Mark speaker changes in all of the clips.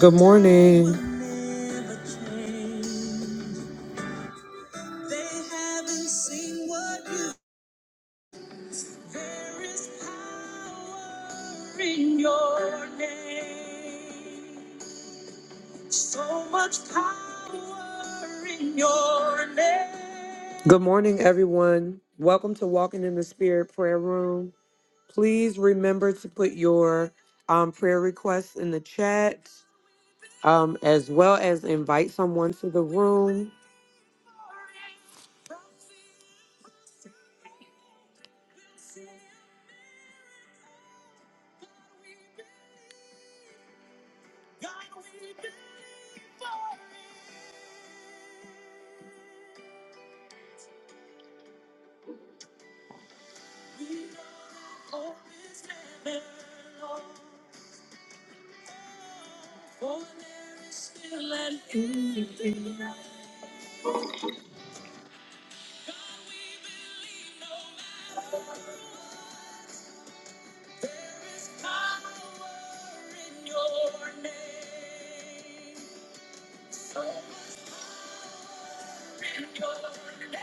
Speaker 1: Good morning. Good morning, everyone. Welcome to Walking in the Spirit Prayer Room. Please remember to put your um, prayer requests in the chat, um, as well as invite someone to the room.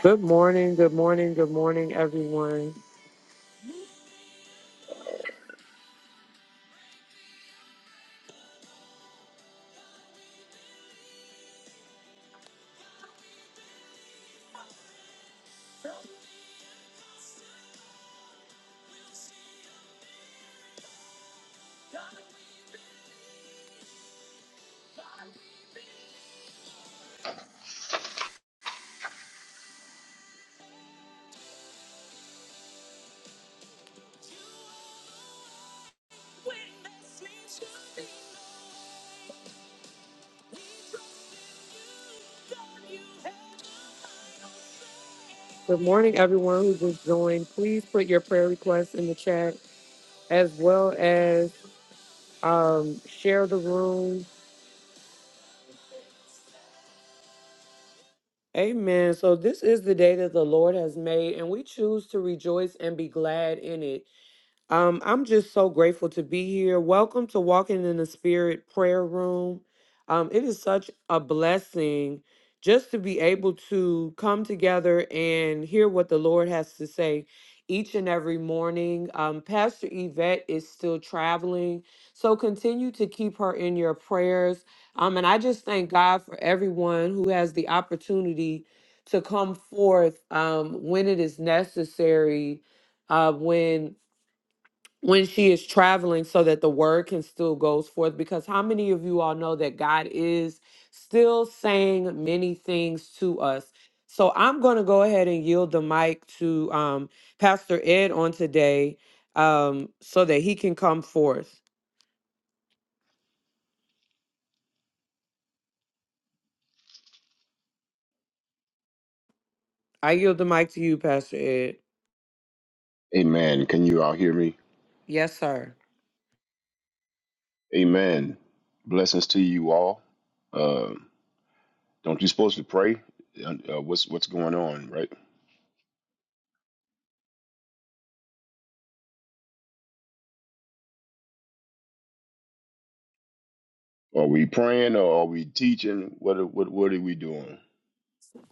Speaker 1: Good morning, good morning, good morning, everyone. Good morning, everyone who just joined. Please put your prayer requests in the chat, as well as um, share the room. Amen. So this is the day that the Lord has made, and we choose to rejoice and be glad in it. Um, I'm just so grateful to be here. Welcome to Walking in the Spirit Prayer Room. Um, it is such a blessing just to be able to come together and hear what the Lord has to say each and every morning. Um, Pastor Yvette is still traveling, so continue to keep her in your prayers. Um, and I just thank God for everyone who has the opportunity to come forth um, when it is necessary uh, when when she is traveling so that the word can still goes forth because how many of you all know that God is still saying many things to us so I'm going to go ahead and yield the mic to um, Pastor Ed on today um, so that he can come forth I yield the mic to you Pastor Ed
Speaker 2: Amen. Can you all hear me?
Speaker 1: yes sir
Speaker 2: Amen. Blessings to you all. Uh, don't you supposed to pray? Uh, uh, what's what's going on, right? Are we praying or are we teaching? What are- what what are we doing?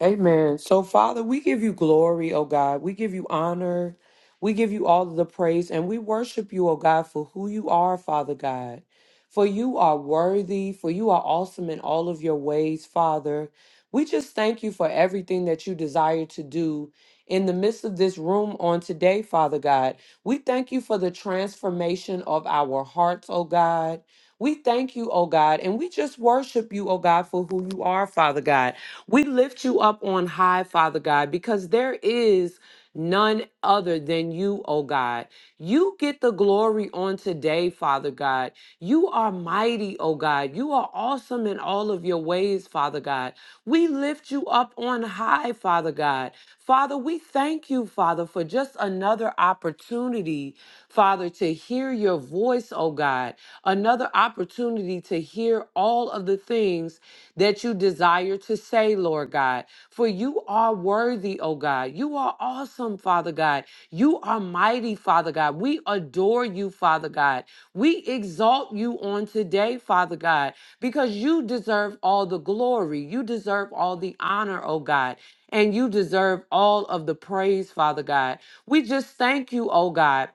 Speaker 1: Amen. So, Father, we give you glory, oh God. We give you honor. We give you all of the praise and we worship you, oh God, for who you are, Father God. For you are worthy, for you are awesome in all of your ways, Father. We just thank you for everything that you desire to do in the midst of this room on today, Father God. We thank you for the transformation of our hearts, oh God. We thank you, oh God, and we just worship you, oh God, for who you are, Father God. We lift you up on high, Father God, because there is none other than you, oh God. You get the glory on today, Father God. You are mighty, oh God. You are awesome in all of your ways, Father God. We lift you up on high, Father God. Father, we thank you, Father, for just another opportunity, Father, to hear your voice, oh God. Another opportunity to hear all of the things that you desire to say, Lord God. For you are worthy, oh God. You are awesome, Father God. You are mighty, Father God. We adore you, Father God. We exalt you on today, Father God, because you deserve all the glory. You deserve all the honor, oh God. And you deserve all of the praise, Father God. We just thank you, oh God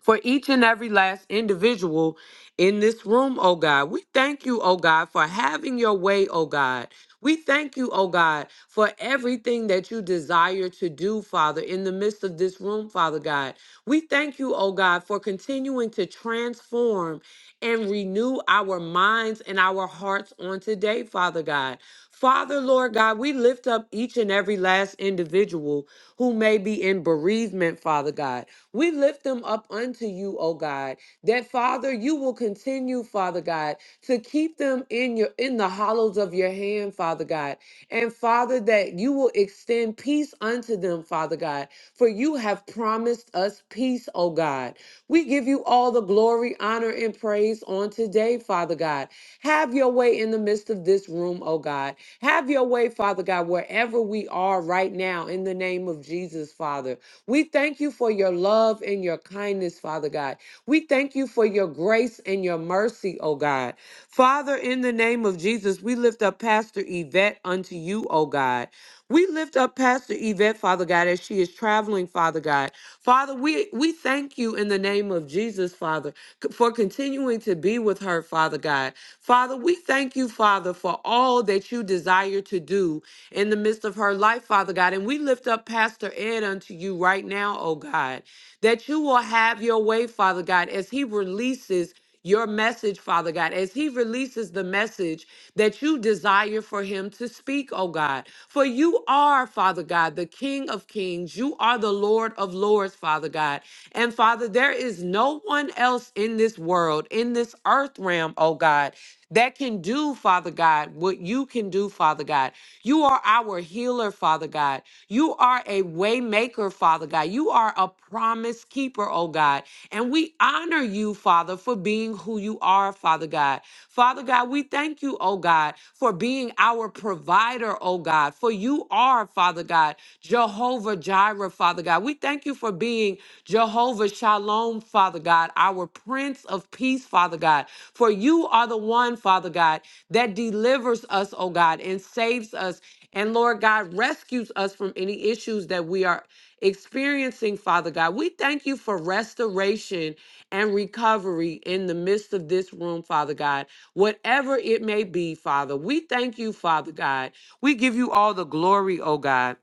Speaker 1: for each and every last individual in this room, oh God. We thank you, oh God, for having your way, oh God. We thank you, oh God, for everything that you desire to do, Father, in the midst of this room, Father God. We thank you, oh God, for continuing to transform and renew our minds and our hearts on today, Father God. Father, Lord God, we lift up each and every last individual who may be in bereavement, Father God. We lift them up unto you, O God, that Father, you will continue, Father God, to keep them in your in the hollows of your hand, Father God. And Father, that you will extend peace unto them, Father God, for you have promised us peace, O God. We give you all the glory, honor, and praise on today, Father God. Have your way in the midst of this room, O God. Have your way, Father God, wherever we are right now, in the name of Jesus, Father. We thank you for your love and your kindness, Father God. We thank you for your grace and your mercy, oh God. Father, in the name of Jesus, we lift up Pastor Yvette unto you, oh God. We lift up Pastor Yvette, Father God, as she is traveling, Father God. Father, we, we thank you in the name of Jesus, Father, c- for continuing to be with her, Father God. Father, we thank you, Father, for all that you desire to do in the midst of her life, Father God. And we lift up Pastor Ed unto you right now, oh God that you will have your way, Father God, as He releases your message, Father God, as He releases the message that you desire for Him to speak, oh God. For you are, Father God, the King of Kings. You are the Lord of Lords, Father God. And Father, there is no one else in this world, in this earth realm, oh God. That can do, Father God, what you can do, Father God. You are our healer, Father God. You are a waymaker, Father God. You you are a promise keeper, oh God. And we honor you, Father, for being who you are, Father God. Father God, we thank you, oh God, for being our provider, oh God. For you are, Father God, Jehovah Jireh, Father God. We thank you for being Jehovah Shalom, Father God, our Prince of Peace, Father God. For you are the one, Father God, that delivers us, oh God, and saves us. And Lord God, rescues us from any issues that we are experiencing, Father God. We thank you for restoration and recovery in the midst of this room, Father God, whatever it may be, Father. We thank you, Father God. We give you all the glory, oh God.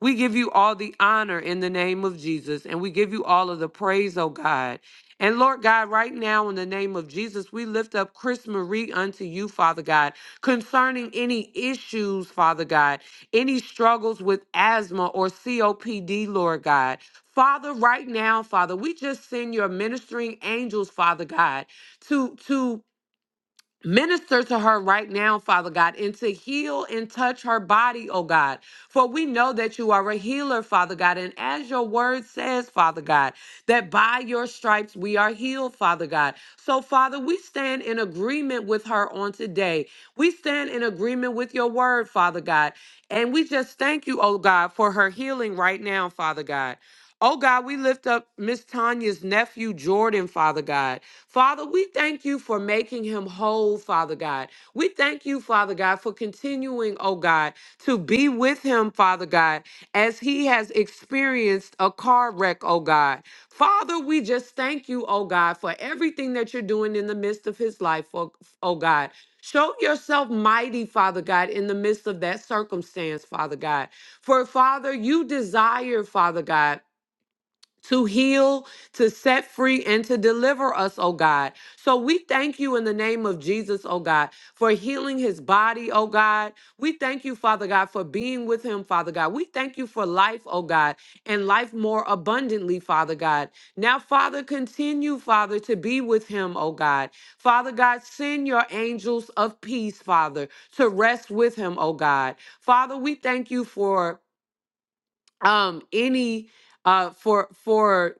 Speaker 1: We give you all the honor in the name of Jesus, and we give you all of the praise, oh God. And Lord God, right now in the name of Jesus, we lift up Chris Marie unto you, Father God, concerning any issues, Father God, any struggles with asthma or COPD, Lord God. Father, right now, Father, we just send your ministering angels, Father God, to to Minister to her right now, Father God, and to heal and touch her body, oh God. For we know that you are a healer, Father God. And as your word says, Father God, that by your stripes we are healed, Father God. So, Father, we stand in agreement with her on today. We stand in agreement with your word, Father God. And we just thank you, oh God, for her healing right now, Father God. Oh God, we lift up Miss Tanya's nephew, Jordan, Father God. Father, we thank you for making him whole, Father God. We thank you, Father God, for continuing, oh God, to be with him, Father God, as he has experienced a car wreck, oh God. Father, we just thank you, oh God, for everything that you're doing in the midst of his life, oh, oh God. Show yourself mighty, Father God, in the midst of that circumstance, Father God. For Father, you desire, Father God to heal, to set free, and to deliver us, oh God. So we thank you in the name of Jesus, oh God, for healing his body, oh God. We thank you, Father God, for being with him, Father God. We thank you for life, oh God, and life more abundantly, Father God. Now, Father, continue, Father, to be with him, oh God. Father God, send your angels of peace, Father, to rest with him, oh God. Father, we thank you for um any uh for for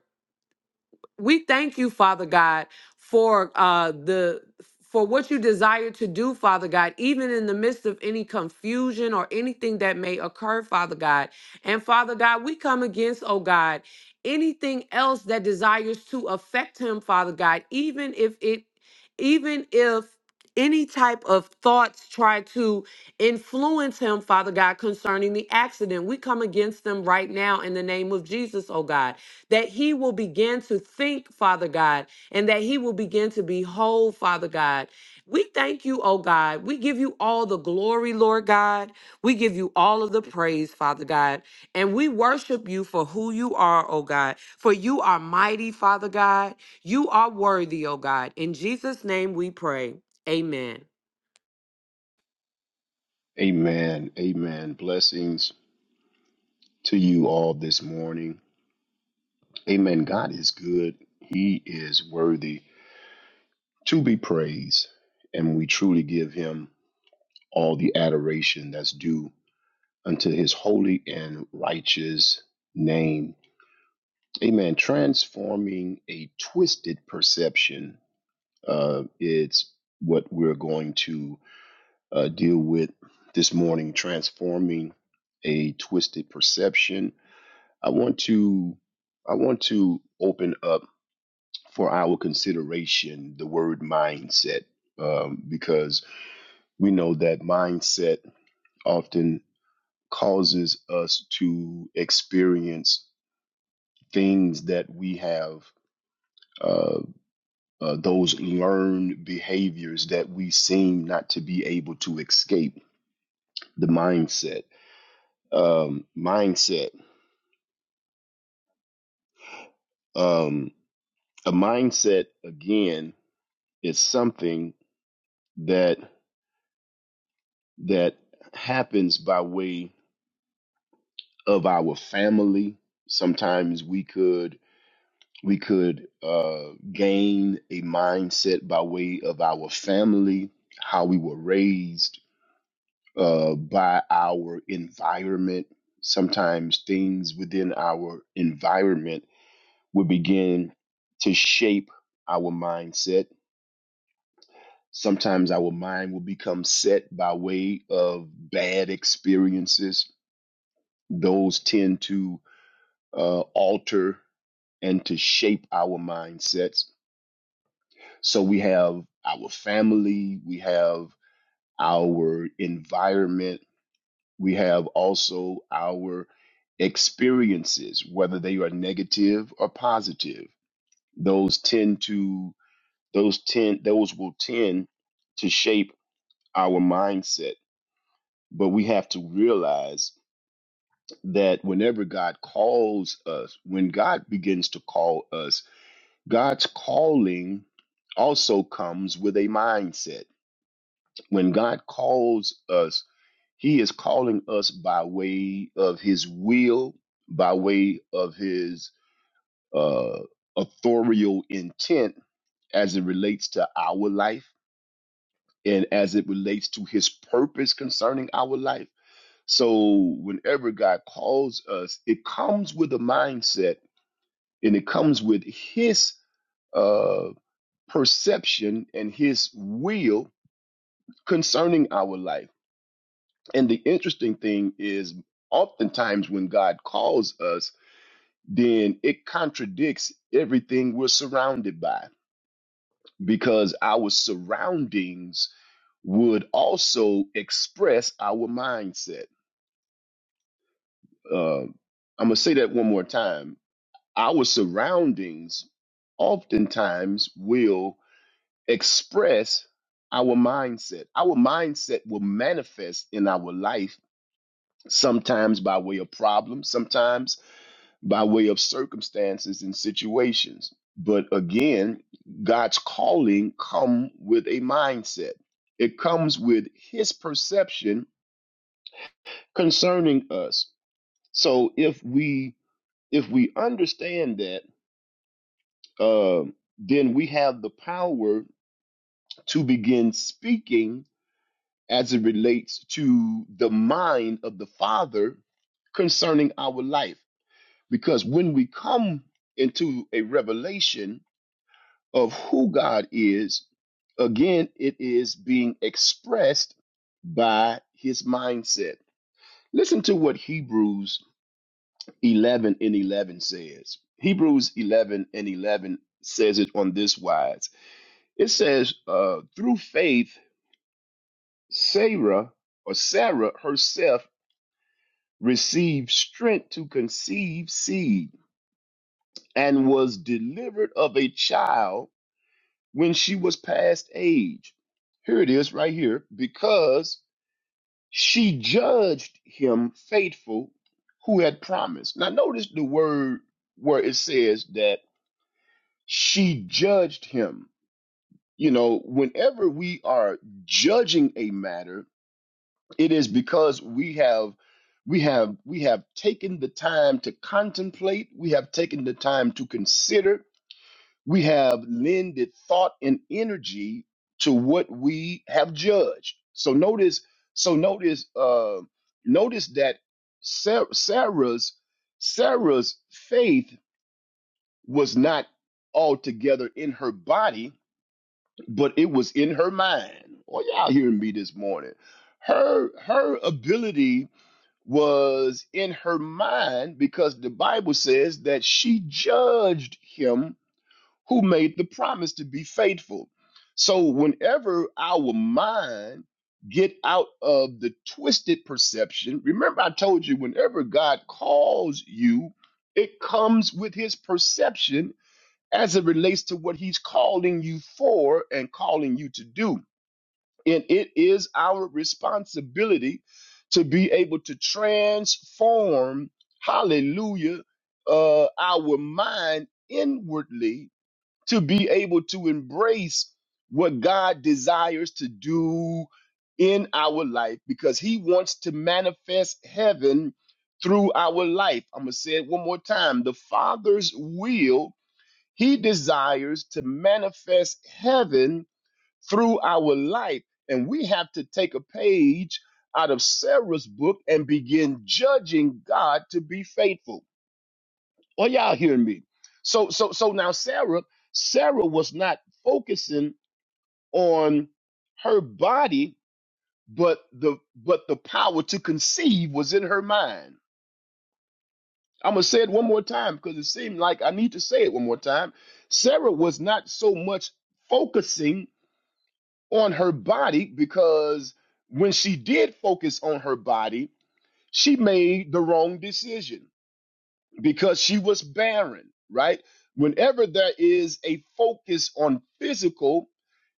Speaker 1: we thank you, Father God, for uh, the for what you desire to do, Father God, even in the midst of any confusion or anything that may occur, Father God. And Father God, we come against, oh God, anything else that desires to affect him, Father God, even if it, even if any type of thoughts try to influence him, Father God, concerning the accident. We come against them right now in the name of Jesus, oh God that he will begin to think, Father God, and that he will begin to behold, Father God. We thank you, oh God. We give you all the glory, Lord God. We give you all of the praise, Father God. And we worship you for who you are, oh God. For you are mighty, Father God. You are worthy, oh God. In Jesus' name we pray. Amen.
Speaker 2: Amen. Amen. Blessings to you all this morning. Amen. God is good. He is worthy to be praised, and we truly give Him all the adoration that's due unto His holy and righteous name. Amen. Transforming a twisted perception uh, is what we're going to uh, deal with this morning. Transforming a twisted perception. I want to I want to open up for our consideration the word mindset um, because we know that mindset often causes us to experience things that we have uh, uh, those learned behaviors that we seem not to be able to escape the mindset um, mindset um, a mindset again is something that that happens by way of our family sometimes we could we could uh, gain a mindset by way of our family how we were raised uh, by our environment. Sometimes things within our environment will begin to shape our mindset. Sometimes our mind will become set by way of bad experiences. Those tend to uh, alter and to shape our mindsets. So we have our family, we have our environment We have also our experiences, whether they are negative or positive. Those tend to those tend those will tend to shape our mindset. But we have to realize that whenever God calls us, when God begins to call us, God's calling also comes with a mindset. When God calls us, He is calling us by way of his will, by way of his uh, authorial intent as it relates to our life and as it relates to his purpose concerning our life. So, whenever God calls us, it comes with a mindset and it comes with his uh, perception and his will concerning our life And the interesting thing is, oftentimes when God calls us, then it contradicts everything we're surrounded by because our surroundings would also express our mindset. Uh, I'm going to say that one more time. Our surroundings oftentimes will express our mindset. Our mindset will manifest in our life sometimes by way of problems, sometimes by way of circumstances and situations. But again, God's calling come with a mindset. It comes with his perception concerning us. So if we if we understand that, uh, then we have the power to begin speaking as it relates to the mind of the Father concerning our life. Because when we come into a revelation of who God is, again, it is being expressed by his mindset. Listen to what Hebrews 11 and 11 says. Hebrews 11 and 11 says it on this wise it says, uh, through faith, Sarah or Sarah herself received strength to conceive seed and was delivered of a child when she was past age. Here it is right here because she judged him faithful who had promised. Now, notice the word where it says that she judged him. You know, whenever we are judging a matter, it is because we have. We have we have taken the time to contemplate. We have taken the time to consider We have lended thought and energy to what we have judged. So notice, so notice, uh, notice that Sa- Sarah's Sarah's faith was not altogether in her body, but it was in her mind. Well, y'all hearing me this morning? Her her ability was in her mind because the Bible says that she judged him who made the promise to be faithful. So whenever our mind get out of the twisted perception, remember I told you whenever God calls you, it comes with his perception as it relates to what he's calling you for and calling you to do. And it is our responsibility to be able to transform, hallelujah, uh, our mind inwardly to be able to embrace what God desires to do in our life because He wants to manifest heaven through our life. I'm going to say it one more time. The Father's will, He desires to manifest heaven through our life. And we have to take a page out of Sarah's book and begin judging God to be faithful are y'all hearing me? So so so now Sarah, Sarah was not focusing on her body, but the but the power to conceive was in her mind. I'm gonna say it one more time because it seemed like I need to say it one more time. Sarah was not so much focusing on her body because when she did focus on her body, she made the wrong decision because she was barren, right? Whenever there is a focus on physical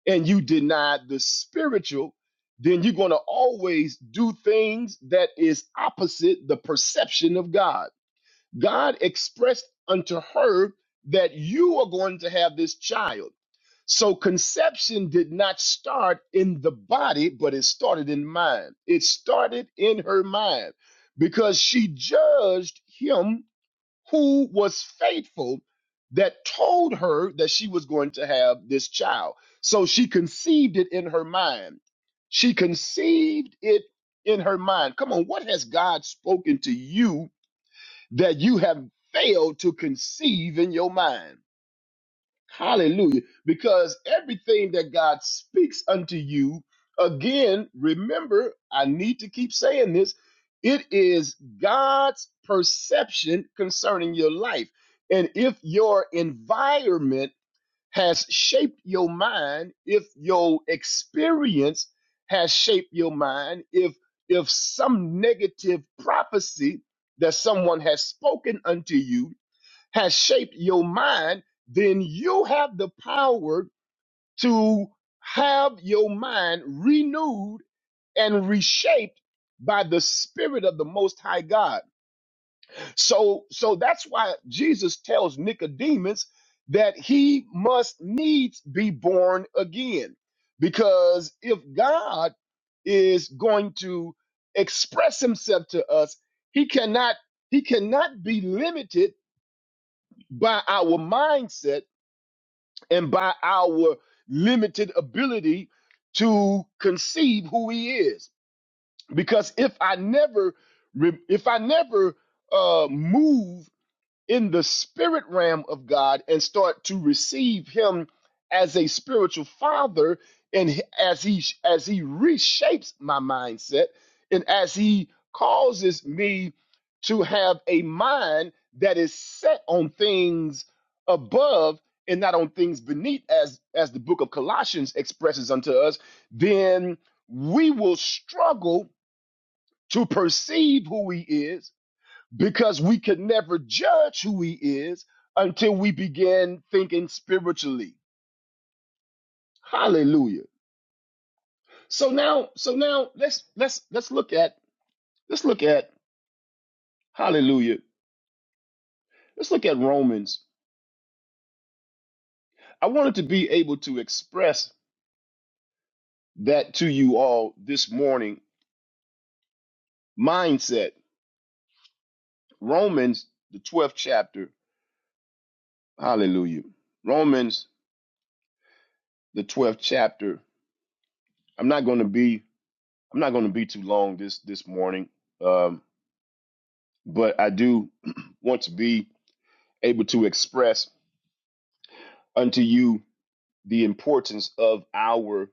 Speaker 2: and you deny the spiritual, then you're going to always do things that is opposite the perception of God. God expressed unto her that you are going to have this child. So conception did not start in the body, but it started in mind. It started in her mind because she judged him who was faithful that told her that she was going to have this child. So she conceived it in her mind. She conceived it in her mind. Come on, what has God spoken to you that you have failed to conceive in your mind? Hallelujah. Because everything that God speaks unto you, again, remember, I need to keep saying this it is God's perception concerning your life. And if your environment has shaped your mind, if your experience has shaped your mind, if if some negative prophecy that someone has spoken unto you has shaped your mind, then you have the power to have your mind renewed and reshaped by the spirit of the most high God. So so that's why Jesus tells Nicodemus that he must needs be born again. Because if God is going to express himself to us, he cannot he cannot be limited by our mindset and by our limited ability to conceive who he is because if i never re- if i never uh move in the spirit realm of God and start to receive him as a spiritual father and as he as he reshapes my mindset and as he causes me to have a mind that is set on things above and not on things beneath as as the book of Colossians expresses unto us then we will struggle to perceive who he is because we could never judge who he is until we begin thinking spiritually hallelujah so now so now let's let's let's look at let's look at hallelujah let's look at romans i wanted to be able to express that to you all this morning mindset romans the 12th chapter hallelujah romans the 12th chapter i'm not going to be i'm not going to be too long this this morning Um, but I do want to be able to express unto you the importance of our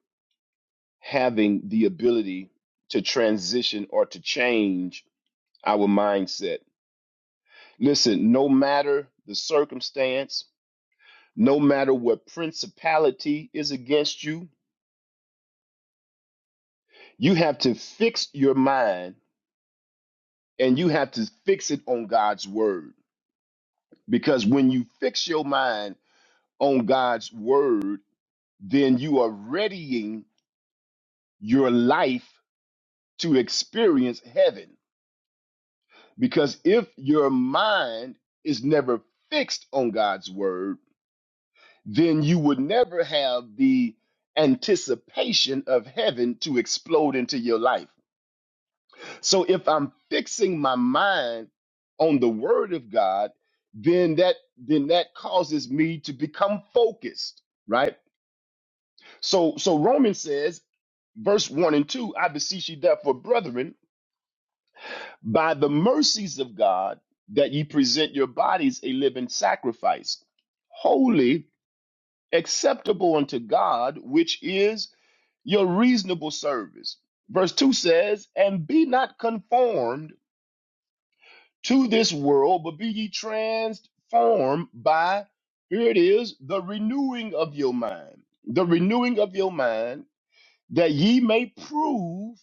Speaker 2: having the ability to transition or to change our mindset. Listen, no matter the circumstance, no matter what principality is against you, you have to fix your mind and you have to fix it on God's word. Because when you fix your mind on God's word, then you are readying your life to experience heaven. Because if your mind is never fixed on God's word, then you would never have the anticipation of heaven to explode into your life. So if I'm fixing my mind on the word of God, then that then that causes me to become focused, right? So so Romans says verse 1 and 2 i beseech you therefore brethren by the mercies of God that ye present your bodies a living sacrifice, holy, acceptable unto God, which is your reasonable service. Verse 2 says, And be not conformed to this world, but be ye transformed by, here it is, the renewing of your mind. The renewing of your mind, that ye may prove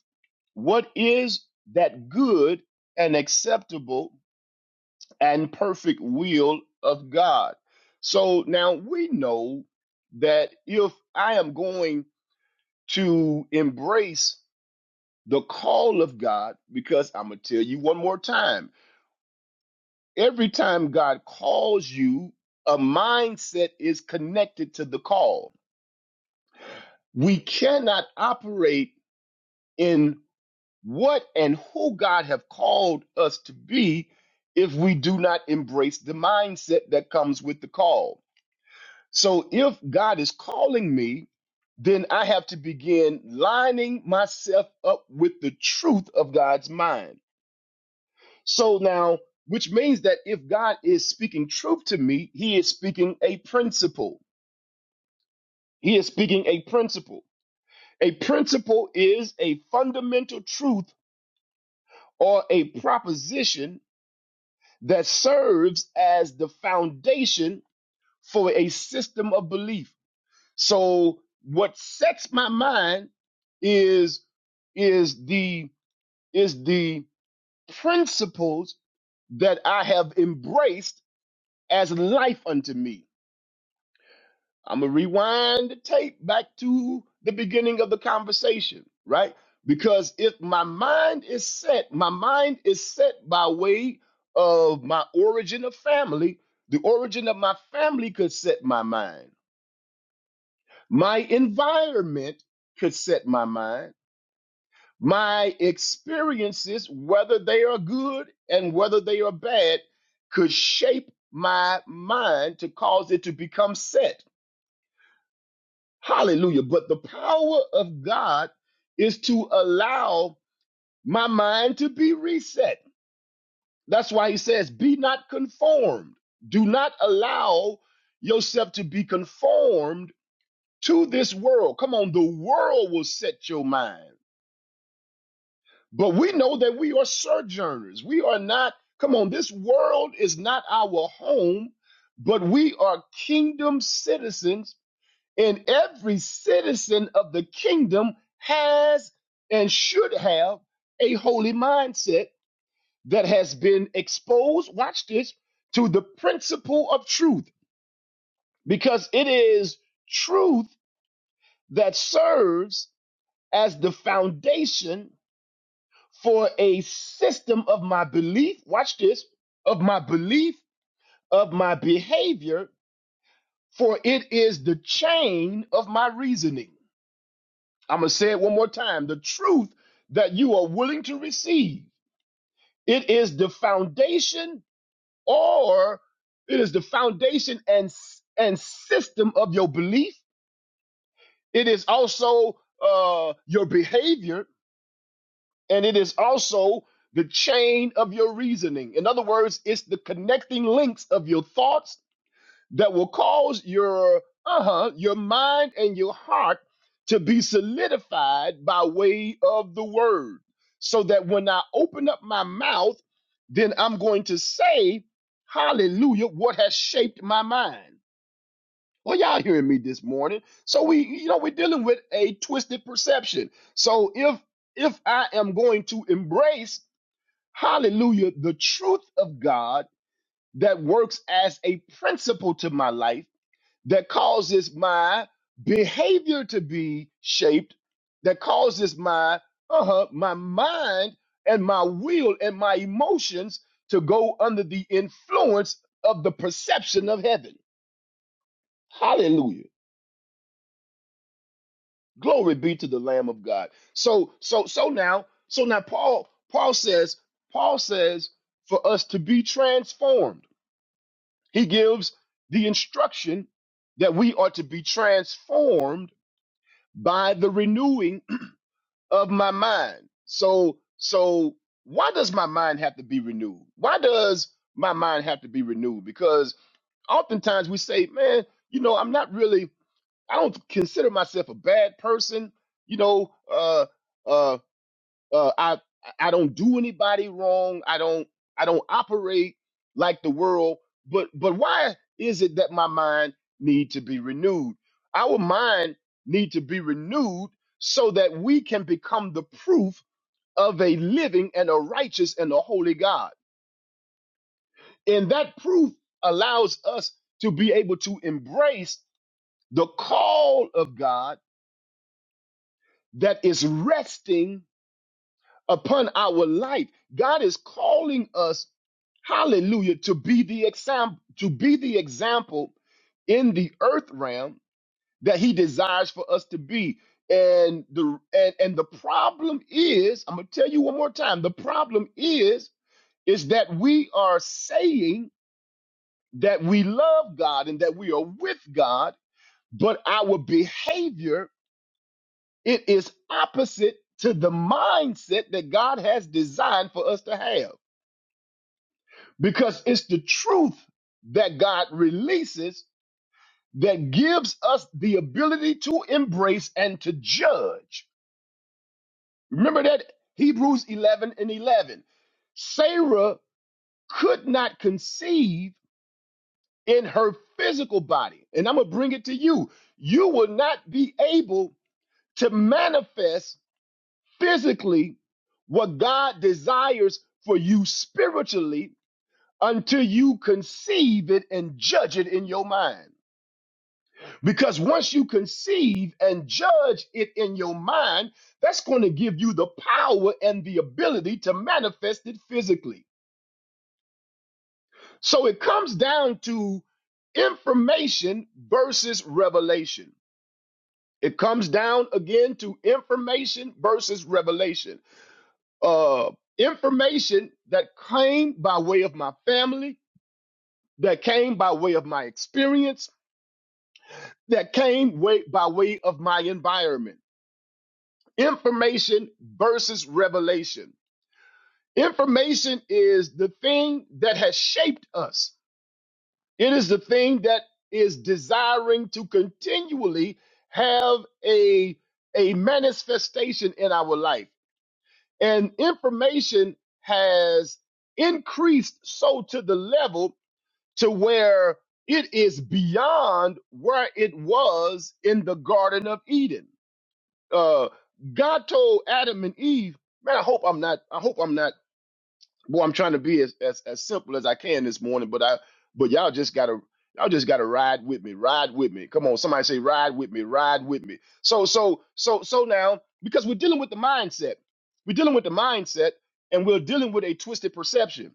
Speaker 2: what is that good and acceptable and perfect will of God. So now we know that if I am going to embrace the call of God, because I'm going to tell you one more time every time God calls you, a mindset is connected to the call. We cannot operate in what and who God have called us to be if we do not embrace the mindset that comes with the call. So if God is calling me, then I have to begin lining myself up with the truth of God's mind. So now, which means that if God is speaking truth to me, he is speaking a principle. He is speaking a principle. A principle is a fundamental truth or a proposition that serves as the foundation for a system of belief. So what sets my mind is is the is the principles that I have embraced as life unto me. I'm gonna rewind the tape back to the beginning of the conversation, right? Because if my mind is set, my mind is set by way of my origin of family. The origin of my family could set my mind. My environment could set my mind My experiences, whether they are good and whether they are bad, could shape my mind to cause it to become set. Hallelujah. But the power of God is to allow my mind to be reset. That's why he says, Be not conformed. Do not allow yourself to be conformed to this world. Come on, the world will set your mind. But we know that we are sojourners. We are not, come on, this world is not our home, but we are kingdom citizens, and every citizen of the kingdom has and should have a holy mindset that has been exposed, watch this, to the principle of truth, because it is truth that serves as the foundation for a system of my belief, watch this, of my belief, of my behavior, for it is the chain of my reasoning. I'm going to say it one more time. The truth that you are willing to receive, it is the foundation or it is the foundation and and system of your belief. It is also uh, your behavior and it is also the chain of your reasoning. In other words, it's the connecting links of your thoughts that will cause your uh-huh, your mind and your heart to be solidified by way of the word. So that when I open up my mouth, then I'm going to say, hallelujah, what has shaped my mind. Well, y'all hearing me this morning. So we, you know, we're dealing with a twisted perception. So if if I am going to embrace, hallelujah, the truth of God that works as a principle to my life, that causes my behavior to be shaped, that causes my uh-huh, my mind and my will and my emotions to go under the influence of the perception of heaven. Hallelujah. Glory be to the Lamb of God. So, so, so now, so now Paul, Paul says, Paul says for us to be transformed. He gives the instruction that we are to be transformed by the renewing of my mind. So, so why does my mind have to be renewed? Why does my mind have to be renewed? Because oftentimes we say, man, you know, I'm not really, I don't consider myself a bad person. You know, uh, uh, Uh, I I don't do anybody wrong. I don't I don't operate like the world. But but why is it that my mind need to be renewed? Our mind need to be renewed so that we can become the proof of a living and a righteous and a holy God. And that proof allows us to be able to embrace the call of God that is resting upon our life. God is calling us, hallelujah, to be the example, to be the example in the earth realm that he desires for us to be. And the and, and the problem is, I'm gonna tell you one more time, the problem is is that we are saying that we love God and that we are with God, but our behavior it is opposite to the mindset that God has designed for us to have. because it's the truth that God releases that gives us the ability to embrace and to judge. Remember that Hebrews 11 and 11. Sarah could not conceive in her physical body. And I'm going to bring it to you. You will not be able to manifest physically what God desires for you spiritually until you conceive it and judge it in your mind. Because once you conceive and judge it in your mind, that's going to give you the power and the ability to manifest it physically. So it comes down to information versus revelation. It comes down again to information versus revelation. Uh, information that came by way of my family, that came by way of my experience, that came way, by way of my environment. information versus revelation. Information is the thing that has shaped us, it is the thing that is desiring to continually have a, a manifestation in our life. And information has increased so to the level to where it is beyond where it was in the Garden of Eden. uh, God told Adam and Eve, man, I hope I'm not, I hope I'm not, Boy, I'm trying to be as, as, as simple as I can this morning, but I, but y'all just gotta, y'all just gotta ride with me, ride with me. Come on, somebody say, ride with me, ride with me. So, so, so, so now, because we're dealing with the mindset, we're dealing with the mindset and we're dealing with a twisted perception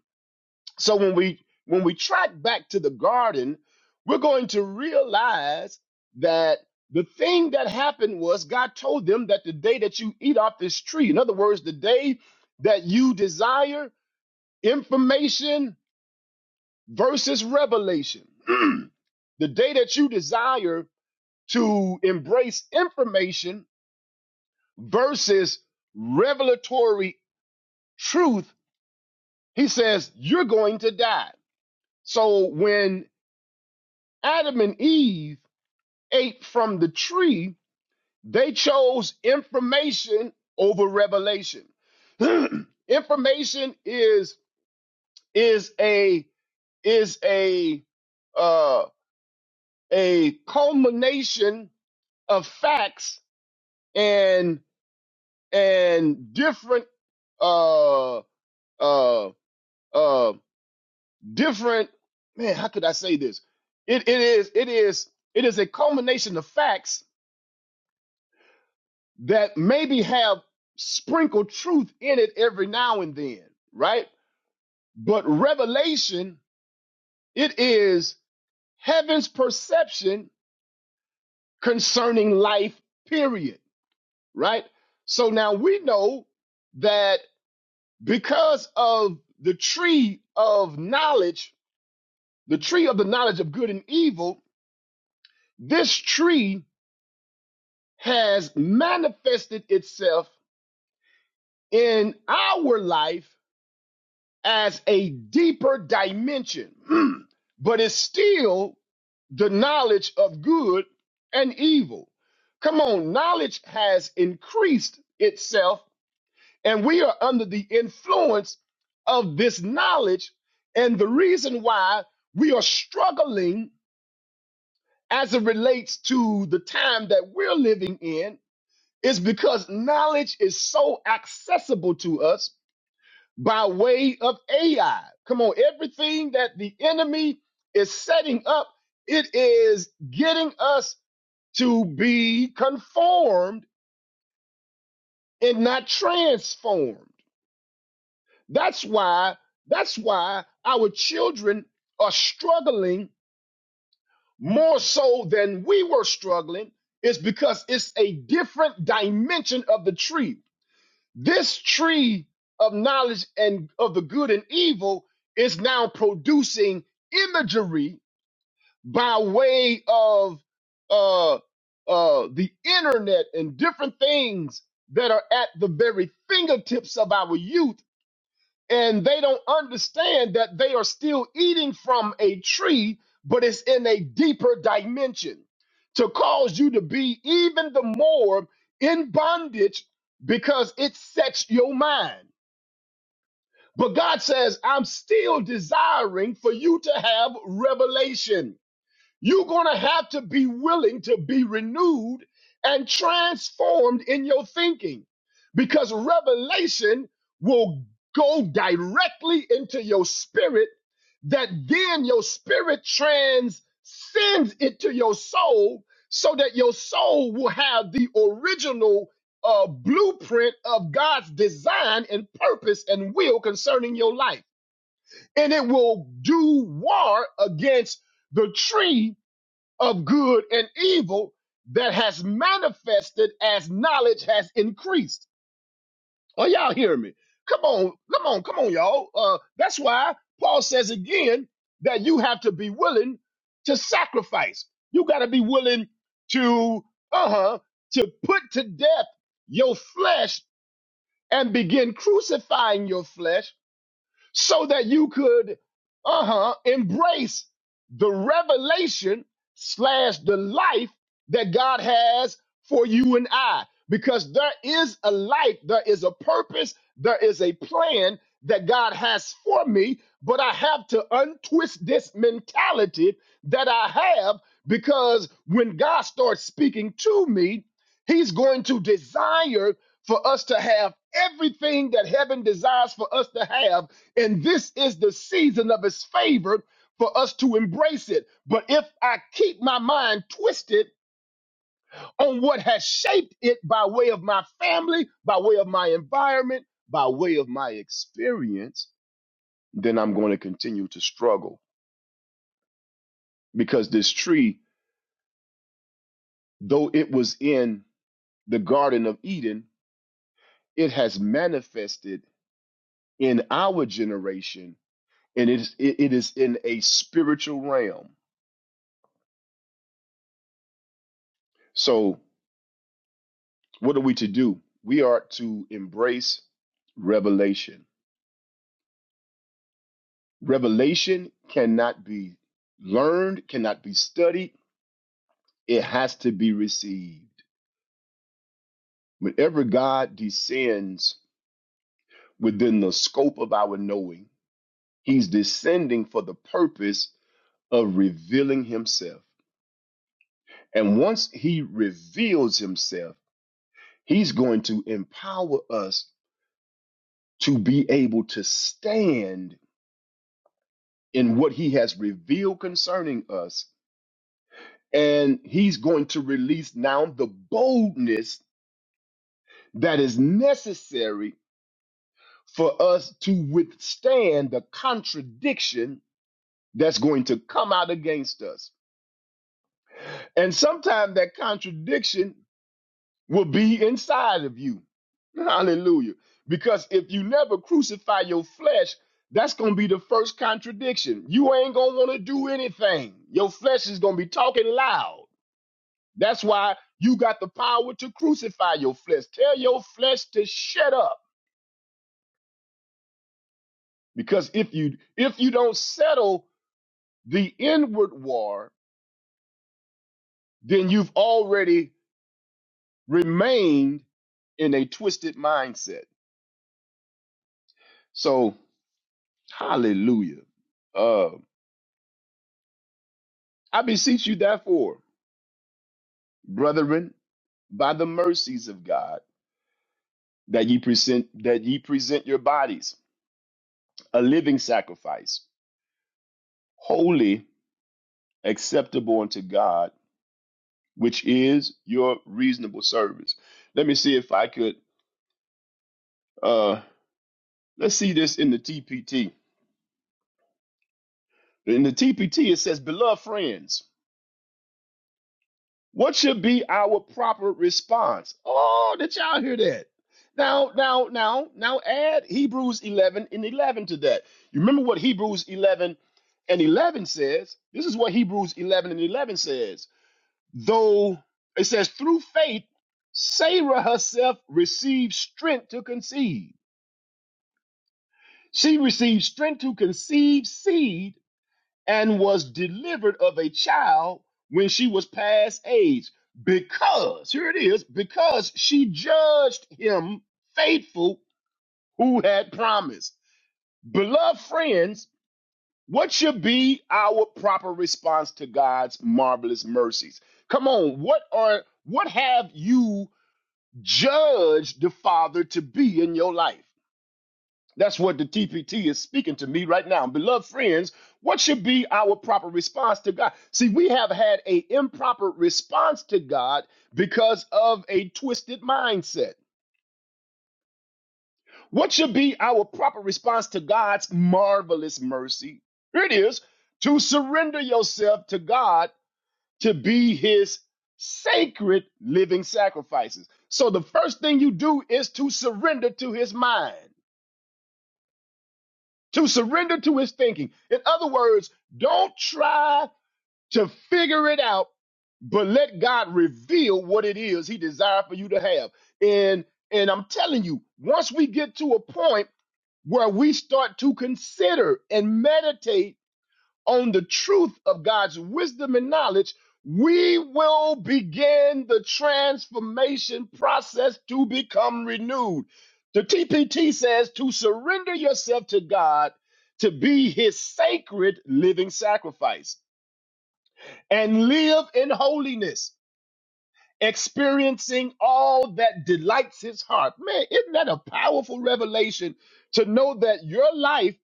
Speaker 2: so when we when we track back to the garden, we're going to realize that the thing that happened was God told them that the day that you eat off this tree, in other words, the day that you desire information versus revelation, the day that you desire to embrace information versus revelatory truth, he says, you're going to die. So when Adam and Eve ate from the tree, they chose information over revelation. information is is a is a uh a culmination of facts and and different uh uh uh different man how could i say this it, it is it is it is a culmination of facts that maybe have sprinkled truth in it every now and then, right? But revelation, it is heaven's perception concerning life, period, right? So now we know that because of the tree of knowledge, the tree of the knowledge of good and evil, this tree has manifested itself in our life as a deeper dimension, but it's still the knowledge of good and evil. Come on, knowledge has increased itself, and we are under the influence of this knowledge. And the reason why we are struggling as it relates to the time that we're living in is because knowledge is so accessible to us by way of AI. Come on, everything that the enemy is setting up, it is getting us to be conformed and not transformed. That's why that's why our children are struggling more so than we were struggling is because it's a different dimension of the tree. This tree of knowledge and of the good and evil is now producing imagery by way of uh, uh, the internet and different things that are at the very fingertips of our youth and they don't understand that they are still eating from a tree, but it's in a deeper dimension to cause you to be even the more in bondage because it sets your mind. But God says, I'm still desiring for you to have revelation. You're going to have to be willing to be renewed and transformed in your thinking because revelation will go directly into your spirit, that then your spirit transcends it to your soul so that your soul will have the original uh, blueprint of God's design and purpose and will concerning your life. And it will do war against the tree of good and evil that has manifested as knowledge has increased. Are y'all hearing me? Come on, come on, come on, y'all. Uh, that's why Paul says again that you have to be willing to sacrifice. You got to be willing to, uh huh, to put to death your flesh and begin crucifying your flesh so that you could uh-huh embrace the revelation slash the life that god has for you and i because there is a life there is a purpose there is a plan that god has for me but i have to untwist this mentality that i have because when god starts speaking to me He's going to desire for us to have everything that heaven desires for us to have. And this is the season of his favor for us to embrace it. But if I keep my mind twisted on what has shaped it by way of my family, by way of my environment, by way of my experience, then I'm going to continue to struggle because this tree, though it was in the Garden of Eden, it has manifested in our generation, and it is it, it is in a spiritual realm. So, what are we to do? We are to embrace revelation. Revelation cannot be learned, cannot be studied. It has to be received. Whenever God descends within the scope of our knowing, He's descending for the purpose of revealing Himself. And once He reveals Himself, He's going to empower us to be able to stand in what he has revealed concerning us. And he's going to release now the boldness that is necessary for us to withstand the contradiction that's going to come out against us. And sometimes that contradiction will be inside of you. Hallelujah. Because if you never crucify your flesh, that's going to be the first contradiction. You ain't going to want to do anything. Your flesh is going to be talking loud. That's why you got the power to crucify your flesh. Tell your flesh to shut up. Because if you if you don't settle the inward war, then you've already remained in a twisted mindset. So, hallelujah. Uh, I beseech you therefore, brethren, by the mercies of God, that ye present that ye present your bodies a living sacrifice, holy, acceptable unto God, which is your reasonable service. Let me see if I could uh let's see this in the TPT. In the TPT it says, beloved friends. What should be our proper response? Oh, did y'all hear that? Now, now, now, now add Hebrews 11 and 11 to that. You remember what Hebrews 11 and 11 says? This is what Hebrews 11 and 11 says. Though it says, through faith, Sarah herself received strength to conceive. She received strength to conceive seed and was delivered of a child when she was past age, because, here it is, because she judged him faithful who had promised. Beloved friends, what should be our proper response to God's marvelous mercies? Come on, what are what have you judged the Father to be in your life? That's what the TPT is speaking to me right now. Beloved friends, what should be our proper response to God? See, we have had an improper response to God because of a twisted mindset. What should be our proper response to God's marvelous mercy? Here it is to surrender yourself to God to be his sacred living sacrifices. So the first thing you do is to surrender to his mind. to surrender to his thinking. In other words, don't try to figure it out, but let God reveal what it is he desires for you to have. And and I'm telling you, once we get to a point where we start to consider and meditate on the truth of God's wisdom and knowledge, we will begin the transformation process to become renewed. The TPT says to surrender yourself to God to be his sacred living sacrifice and live in holiness, experiencing all that delights his heart. Man, isn't that a powerful revelation to know that your life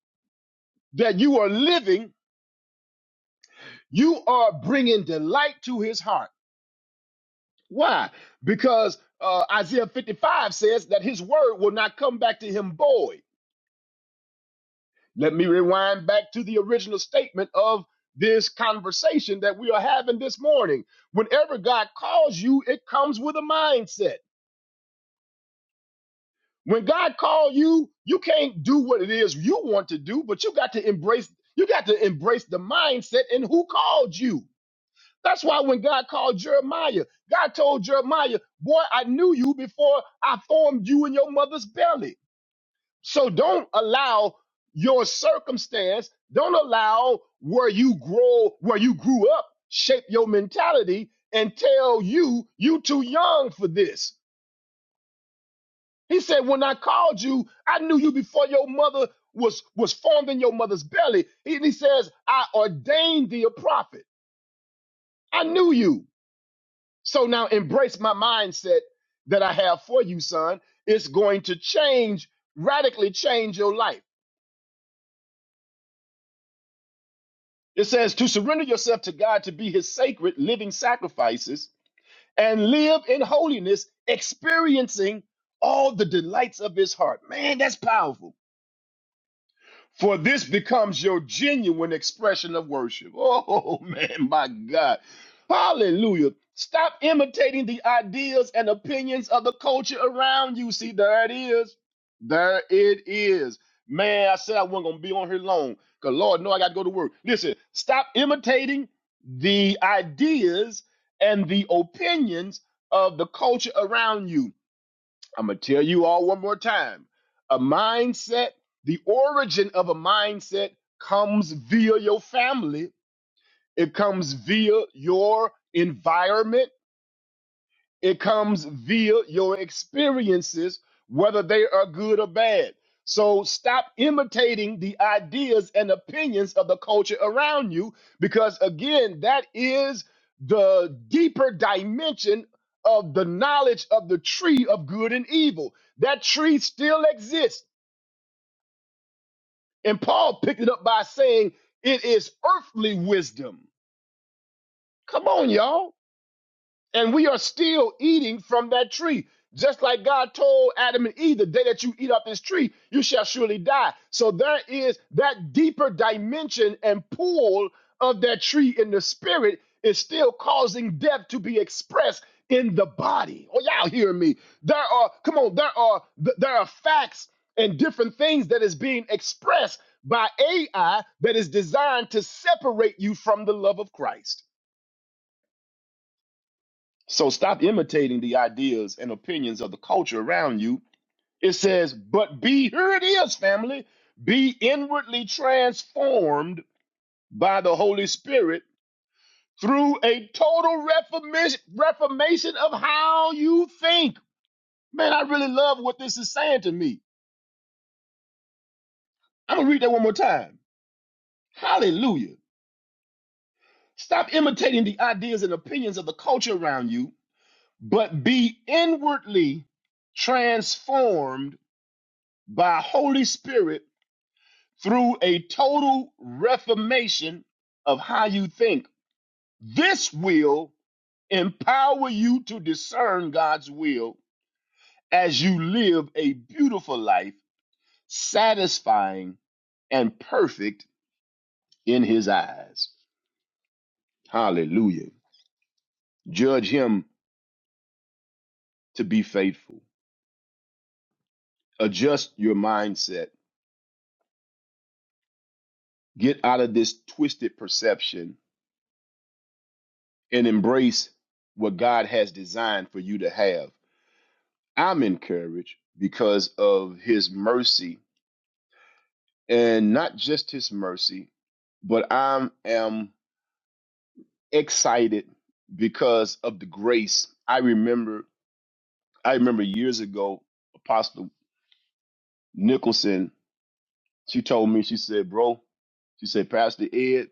Speaker 2: that you are living, you are bringing delight to his heart? Why? Because uh, Isaiah 55 says that his word will not come back to him void. Let me rewind back to the original statement of this conversation that we are having this morning. Whenever God calls you, it comes with a mindset. When God calls you, you can't do what it is you want to do, but you got to embrace you got to embrace the mindset and who called you. That's why when God called Jeremiah, God told Jeremiah, Boy, I knew you before I formed you in your mother's belly. So don't allow your circumstance, don't allow where you grow, where you grew up, shape your mentality and tell you you too young for this. He said, When I called you, I knew you before your mother was was formed in your mother's belly. And he says, I ordained thee a prophet. I knew you. So now embrace my mindset that I have for you, son. It's going to change, radically change your life. It says to surrender yourself to God to be his sacred living sacrifices and live in holiness, experiencing all the delights of his heart. Man, that's powerful for this becomes your genuine expression of worship. Oh, man, my God. Hallelujah. Stop imitating the ideas and opinions of the culture around you. See, there it is. There it is. Man, I said I wasn't going to be on here long because Lord, no, I got to go to work. Listen, stop imitating the ideas and the opinions of the culture around you I'm going to tell you all one more time. A mindset, the origin of a mindset comes via your family, it comes via your environment it comes via your experiences, whether they are good or bad. So stop imitating the ideas and opinions of the culture around you, because again, that is the deeper dimension of the knowledge of the tree of good and evil. That tree still exists. And Paul picked it up by saying it is earthly wisdom. Come on, y'all and we are still eating from that tree. Just like God told Adam and Eve, the day that you eat up this tree, you shall surely die. So there is that deeper dimension and pull of that tree in the spirit is still causing death to be expressed in the body. Oh, y'all hear me? There are, come on, there are th- there are facts and different things that is being expressed by AI that is designed to separate you from the love of Christ. So stop imitating the ideas and opinions of the culture around you. It says, but be, here it is, family, be inwardly transformed by the Holy Spirit through a total reformation, reformation of how you think. Man, I really love what this is saying to me. I'm going to read that one more time. Hallelujah. Stop imitating the ideas and opinions of the culture around you, but be inwardly transformed by Holy Spirit through a total reformation of how you think. This will empower you to discern God's will as you live a beautiful life, satisfying and perfect in His eyes. Hallelujah. Judge Him to be faithful. Adjust your mindset. Get out of this twisted perception and embrace what God has designed for you to have. I'm encouraged because of his mercy and not just his mercy, but I am excited because of the grace. I remember I remember years ago, Apostle Nicholson, she told me, she said, Bro, she said, Pastor Ed,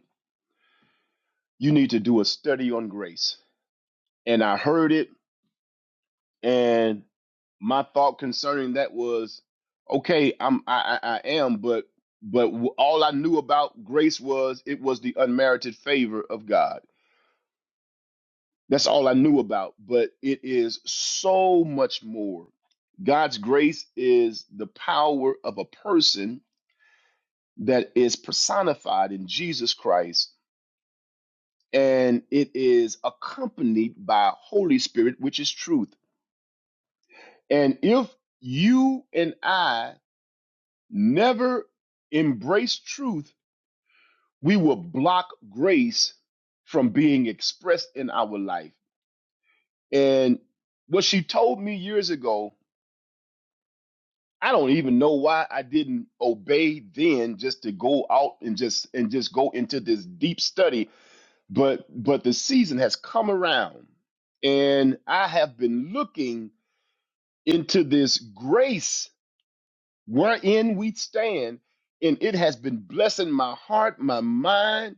Speaker 2: you need to do a study on grace. And I heard it and. my thought concerning that was okay i'm i i, I am but but w- all i knew about grace was it was the unmerited favor of god that's all i knew about but it is so much more god's grace is the power of a person that is personified in jesus christ and it is accompanied by holy spirit which is truth and if you and i never embrace truth, we will block grace from being expressed in our life. And what she told me years ago, I don't even know why I didn't obey then just to go out and just and just go into this deep study, but but the season has come around and I have been looking into this grace wherein we stand and it has been blessing my heart, my mind,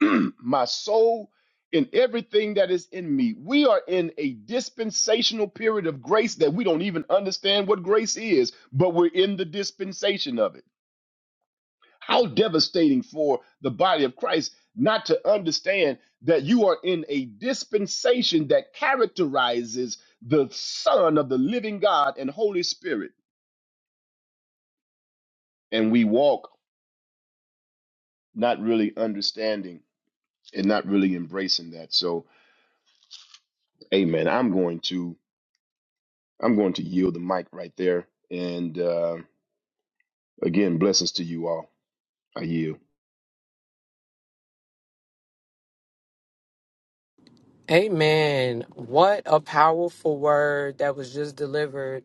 Speaker 2: my soul, and everything that is in me. We are in a dispensational period of grace that we don't even understand what grace is, but we're in the dispensation of it. How devastating for the body of Christ not to understand that you are in a dispensation that characterizes the Son of the living God and Holy Spirit. And we walk not really understanding and not really embracing that. So, amen. I'm going to. I'm going to yield the mic right there. And uh, again, blessings to you all. I yield.
Speaker 1: Amen. What a powerful word that was just delivered.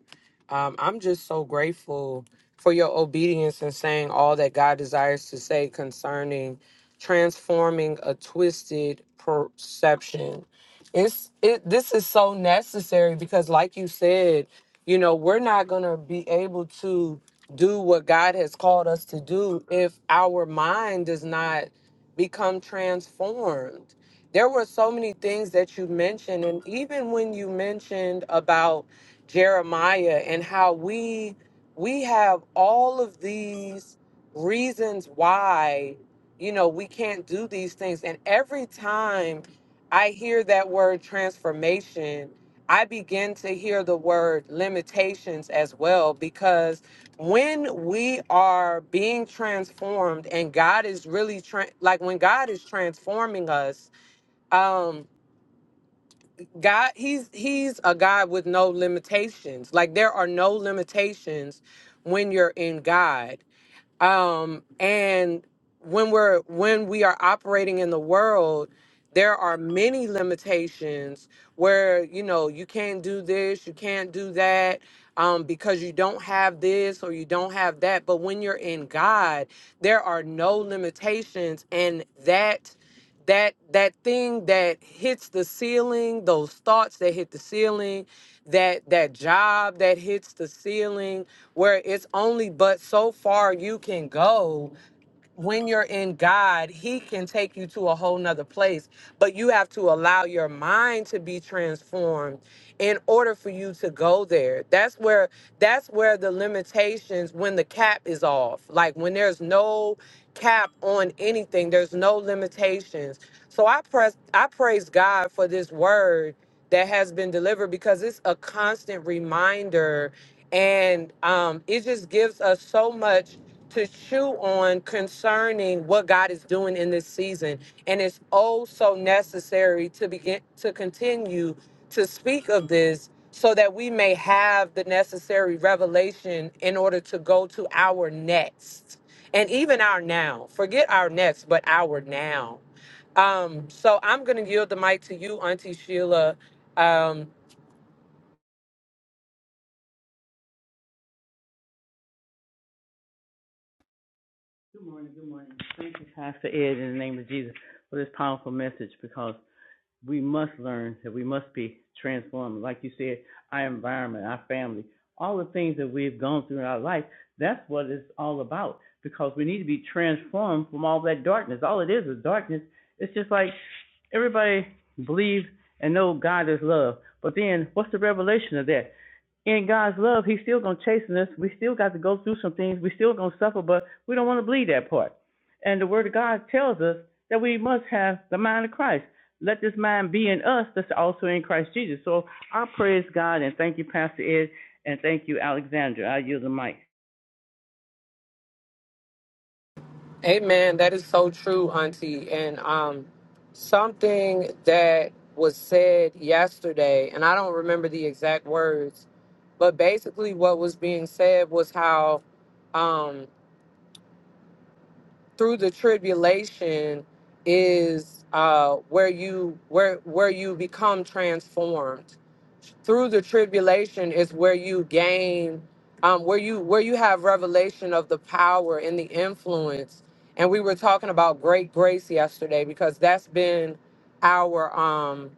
Speaker 1: Um, I'm just so grateful for your obedience and saying all that God desires to say concerning transforming a twisted perception. It's it. This is so necessary because, like you said, you know we're not gonna be able to do what God has called us to do if our mind does not become transformed there were so many things that you mentioned and even when you mentioned about jeremiah and how we we have all of these reasons why you know we can't do these things and every time i hear that word transformation i begin to hear the word limitations as well because when we are being transformed and god is really tra- like when god is transforming us um god he's he's a god with no limitations like there are no limitations when you're in god um and when we're when we are operating in the world there are many limitations where you know you can't do this you can't do that um, because you don't have this or you don't have that but when you're in god there are no limitations and that that that thing that hits the ceiling those thoughts that hit the ceiling that that job that hits the ceiling where it's only but so far you can go when you're in God, He can take you to a whole nother place, but you have to allow your mind to be transformed in order for you to go there. That's where that's where the limitations when the cap is off. Like when there's no cap on anything, there's no limitations. So I press I praise God for this word that has been delivered because it's a constant reminder and um, it just gives us so much to chew on concerning what God is doing in this season. And it's oh so necessary to begin to continue to speak of this so that we may have the necessary revelation in order to go to our next and even our now. Forget our next, but our now. Um, so I'm going to yield the mic to you, Auntie Sheila. Um,
Speaker 3: Good morning, good morning. Thank you, Pastor Ed, in the name of Jesus, for this powerful message because we must learn that we must be transformed. Like you said, our environment, our family, all the things that we've gone through in our life, that's what it's all about because we need to be transformed from all that darkness. All it is is darkness. It's just like everybody believes and know God is love. But then what's the revelation of that? in God's love, He's still gonna chasten us. We still got to go through some things. We still gonna suffer, but we don't want to believe that part. And the Word of God tells us that we must have the mind of Christ. Let this mind be in us that's also in Christ Jesus. So I praise God and thank you, Pastor Ed, and thank you, Alexandra. I yield the mic.
Speaker 1: Amen. That is so true, Auntie. And um, something that was said yesterday, and I don't remember the exact words, but basically what was being said was how um, through the tribulation is uh, where you where where you become transformed. Through the tribulation is where you gain, um, where you where you have revelation of the power and the influence. And we were talking about great grace yesterday because that's been our um,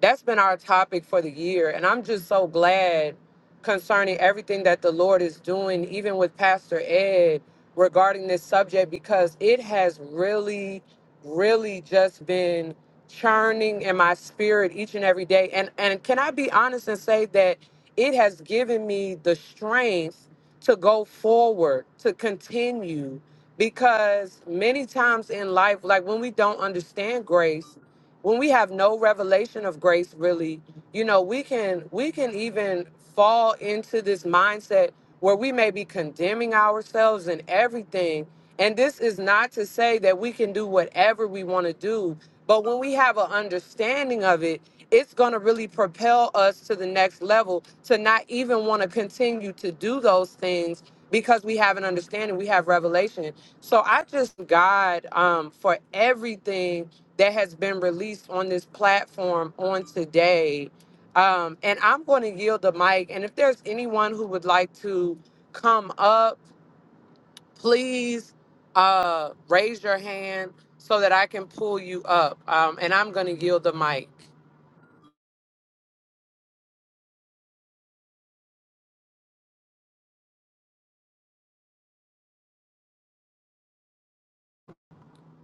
Speaker 1: that's been our topic for the year. And I'm just so glad concerning everything that the Lord is doing, even with Pastor Ed regarding this subject because it has really, really just been churning in my spirit each and every day. And and can I be honest and say that it has given me the strength to go forward, to continue, because many times in life, like when we don't understand grace, when we have no revelation of grace, really you know we can we can even fall into this mindset where we may be condemning ourselves and everything and this is not to say that we can do whatever we want to do but when we have an understanding of it it's going to really propel us to the next level to not even want to continue to do those things because we have an understanding, we have revelation. So I just thank God um, for everything that has been released on this platform on today. Um, and I'm going to yield the mic. And if there's anyone who would like to come up, please uh, raise your hand so that I can pull you up. Um, and I'm going to yield the mic.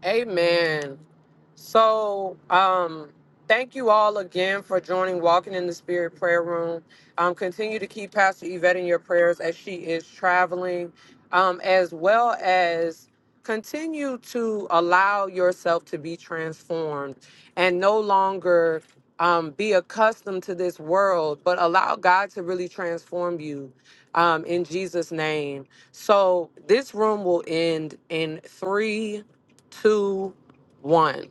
Speaker 1: Amen. So, um, thank you all again for joining Walking in the Spirit Prayer Room. Um, continue to keep Pastor Yvette in your prayers as she is traveling, um, as well as continue to allow yourself to be transformed and no longer um, be accustomed to this world, but allow God to really transform you um, in Jesus' name. So, this room will end in three two, one.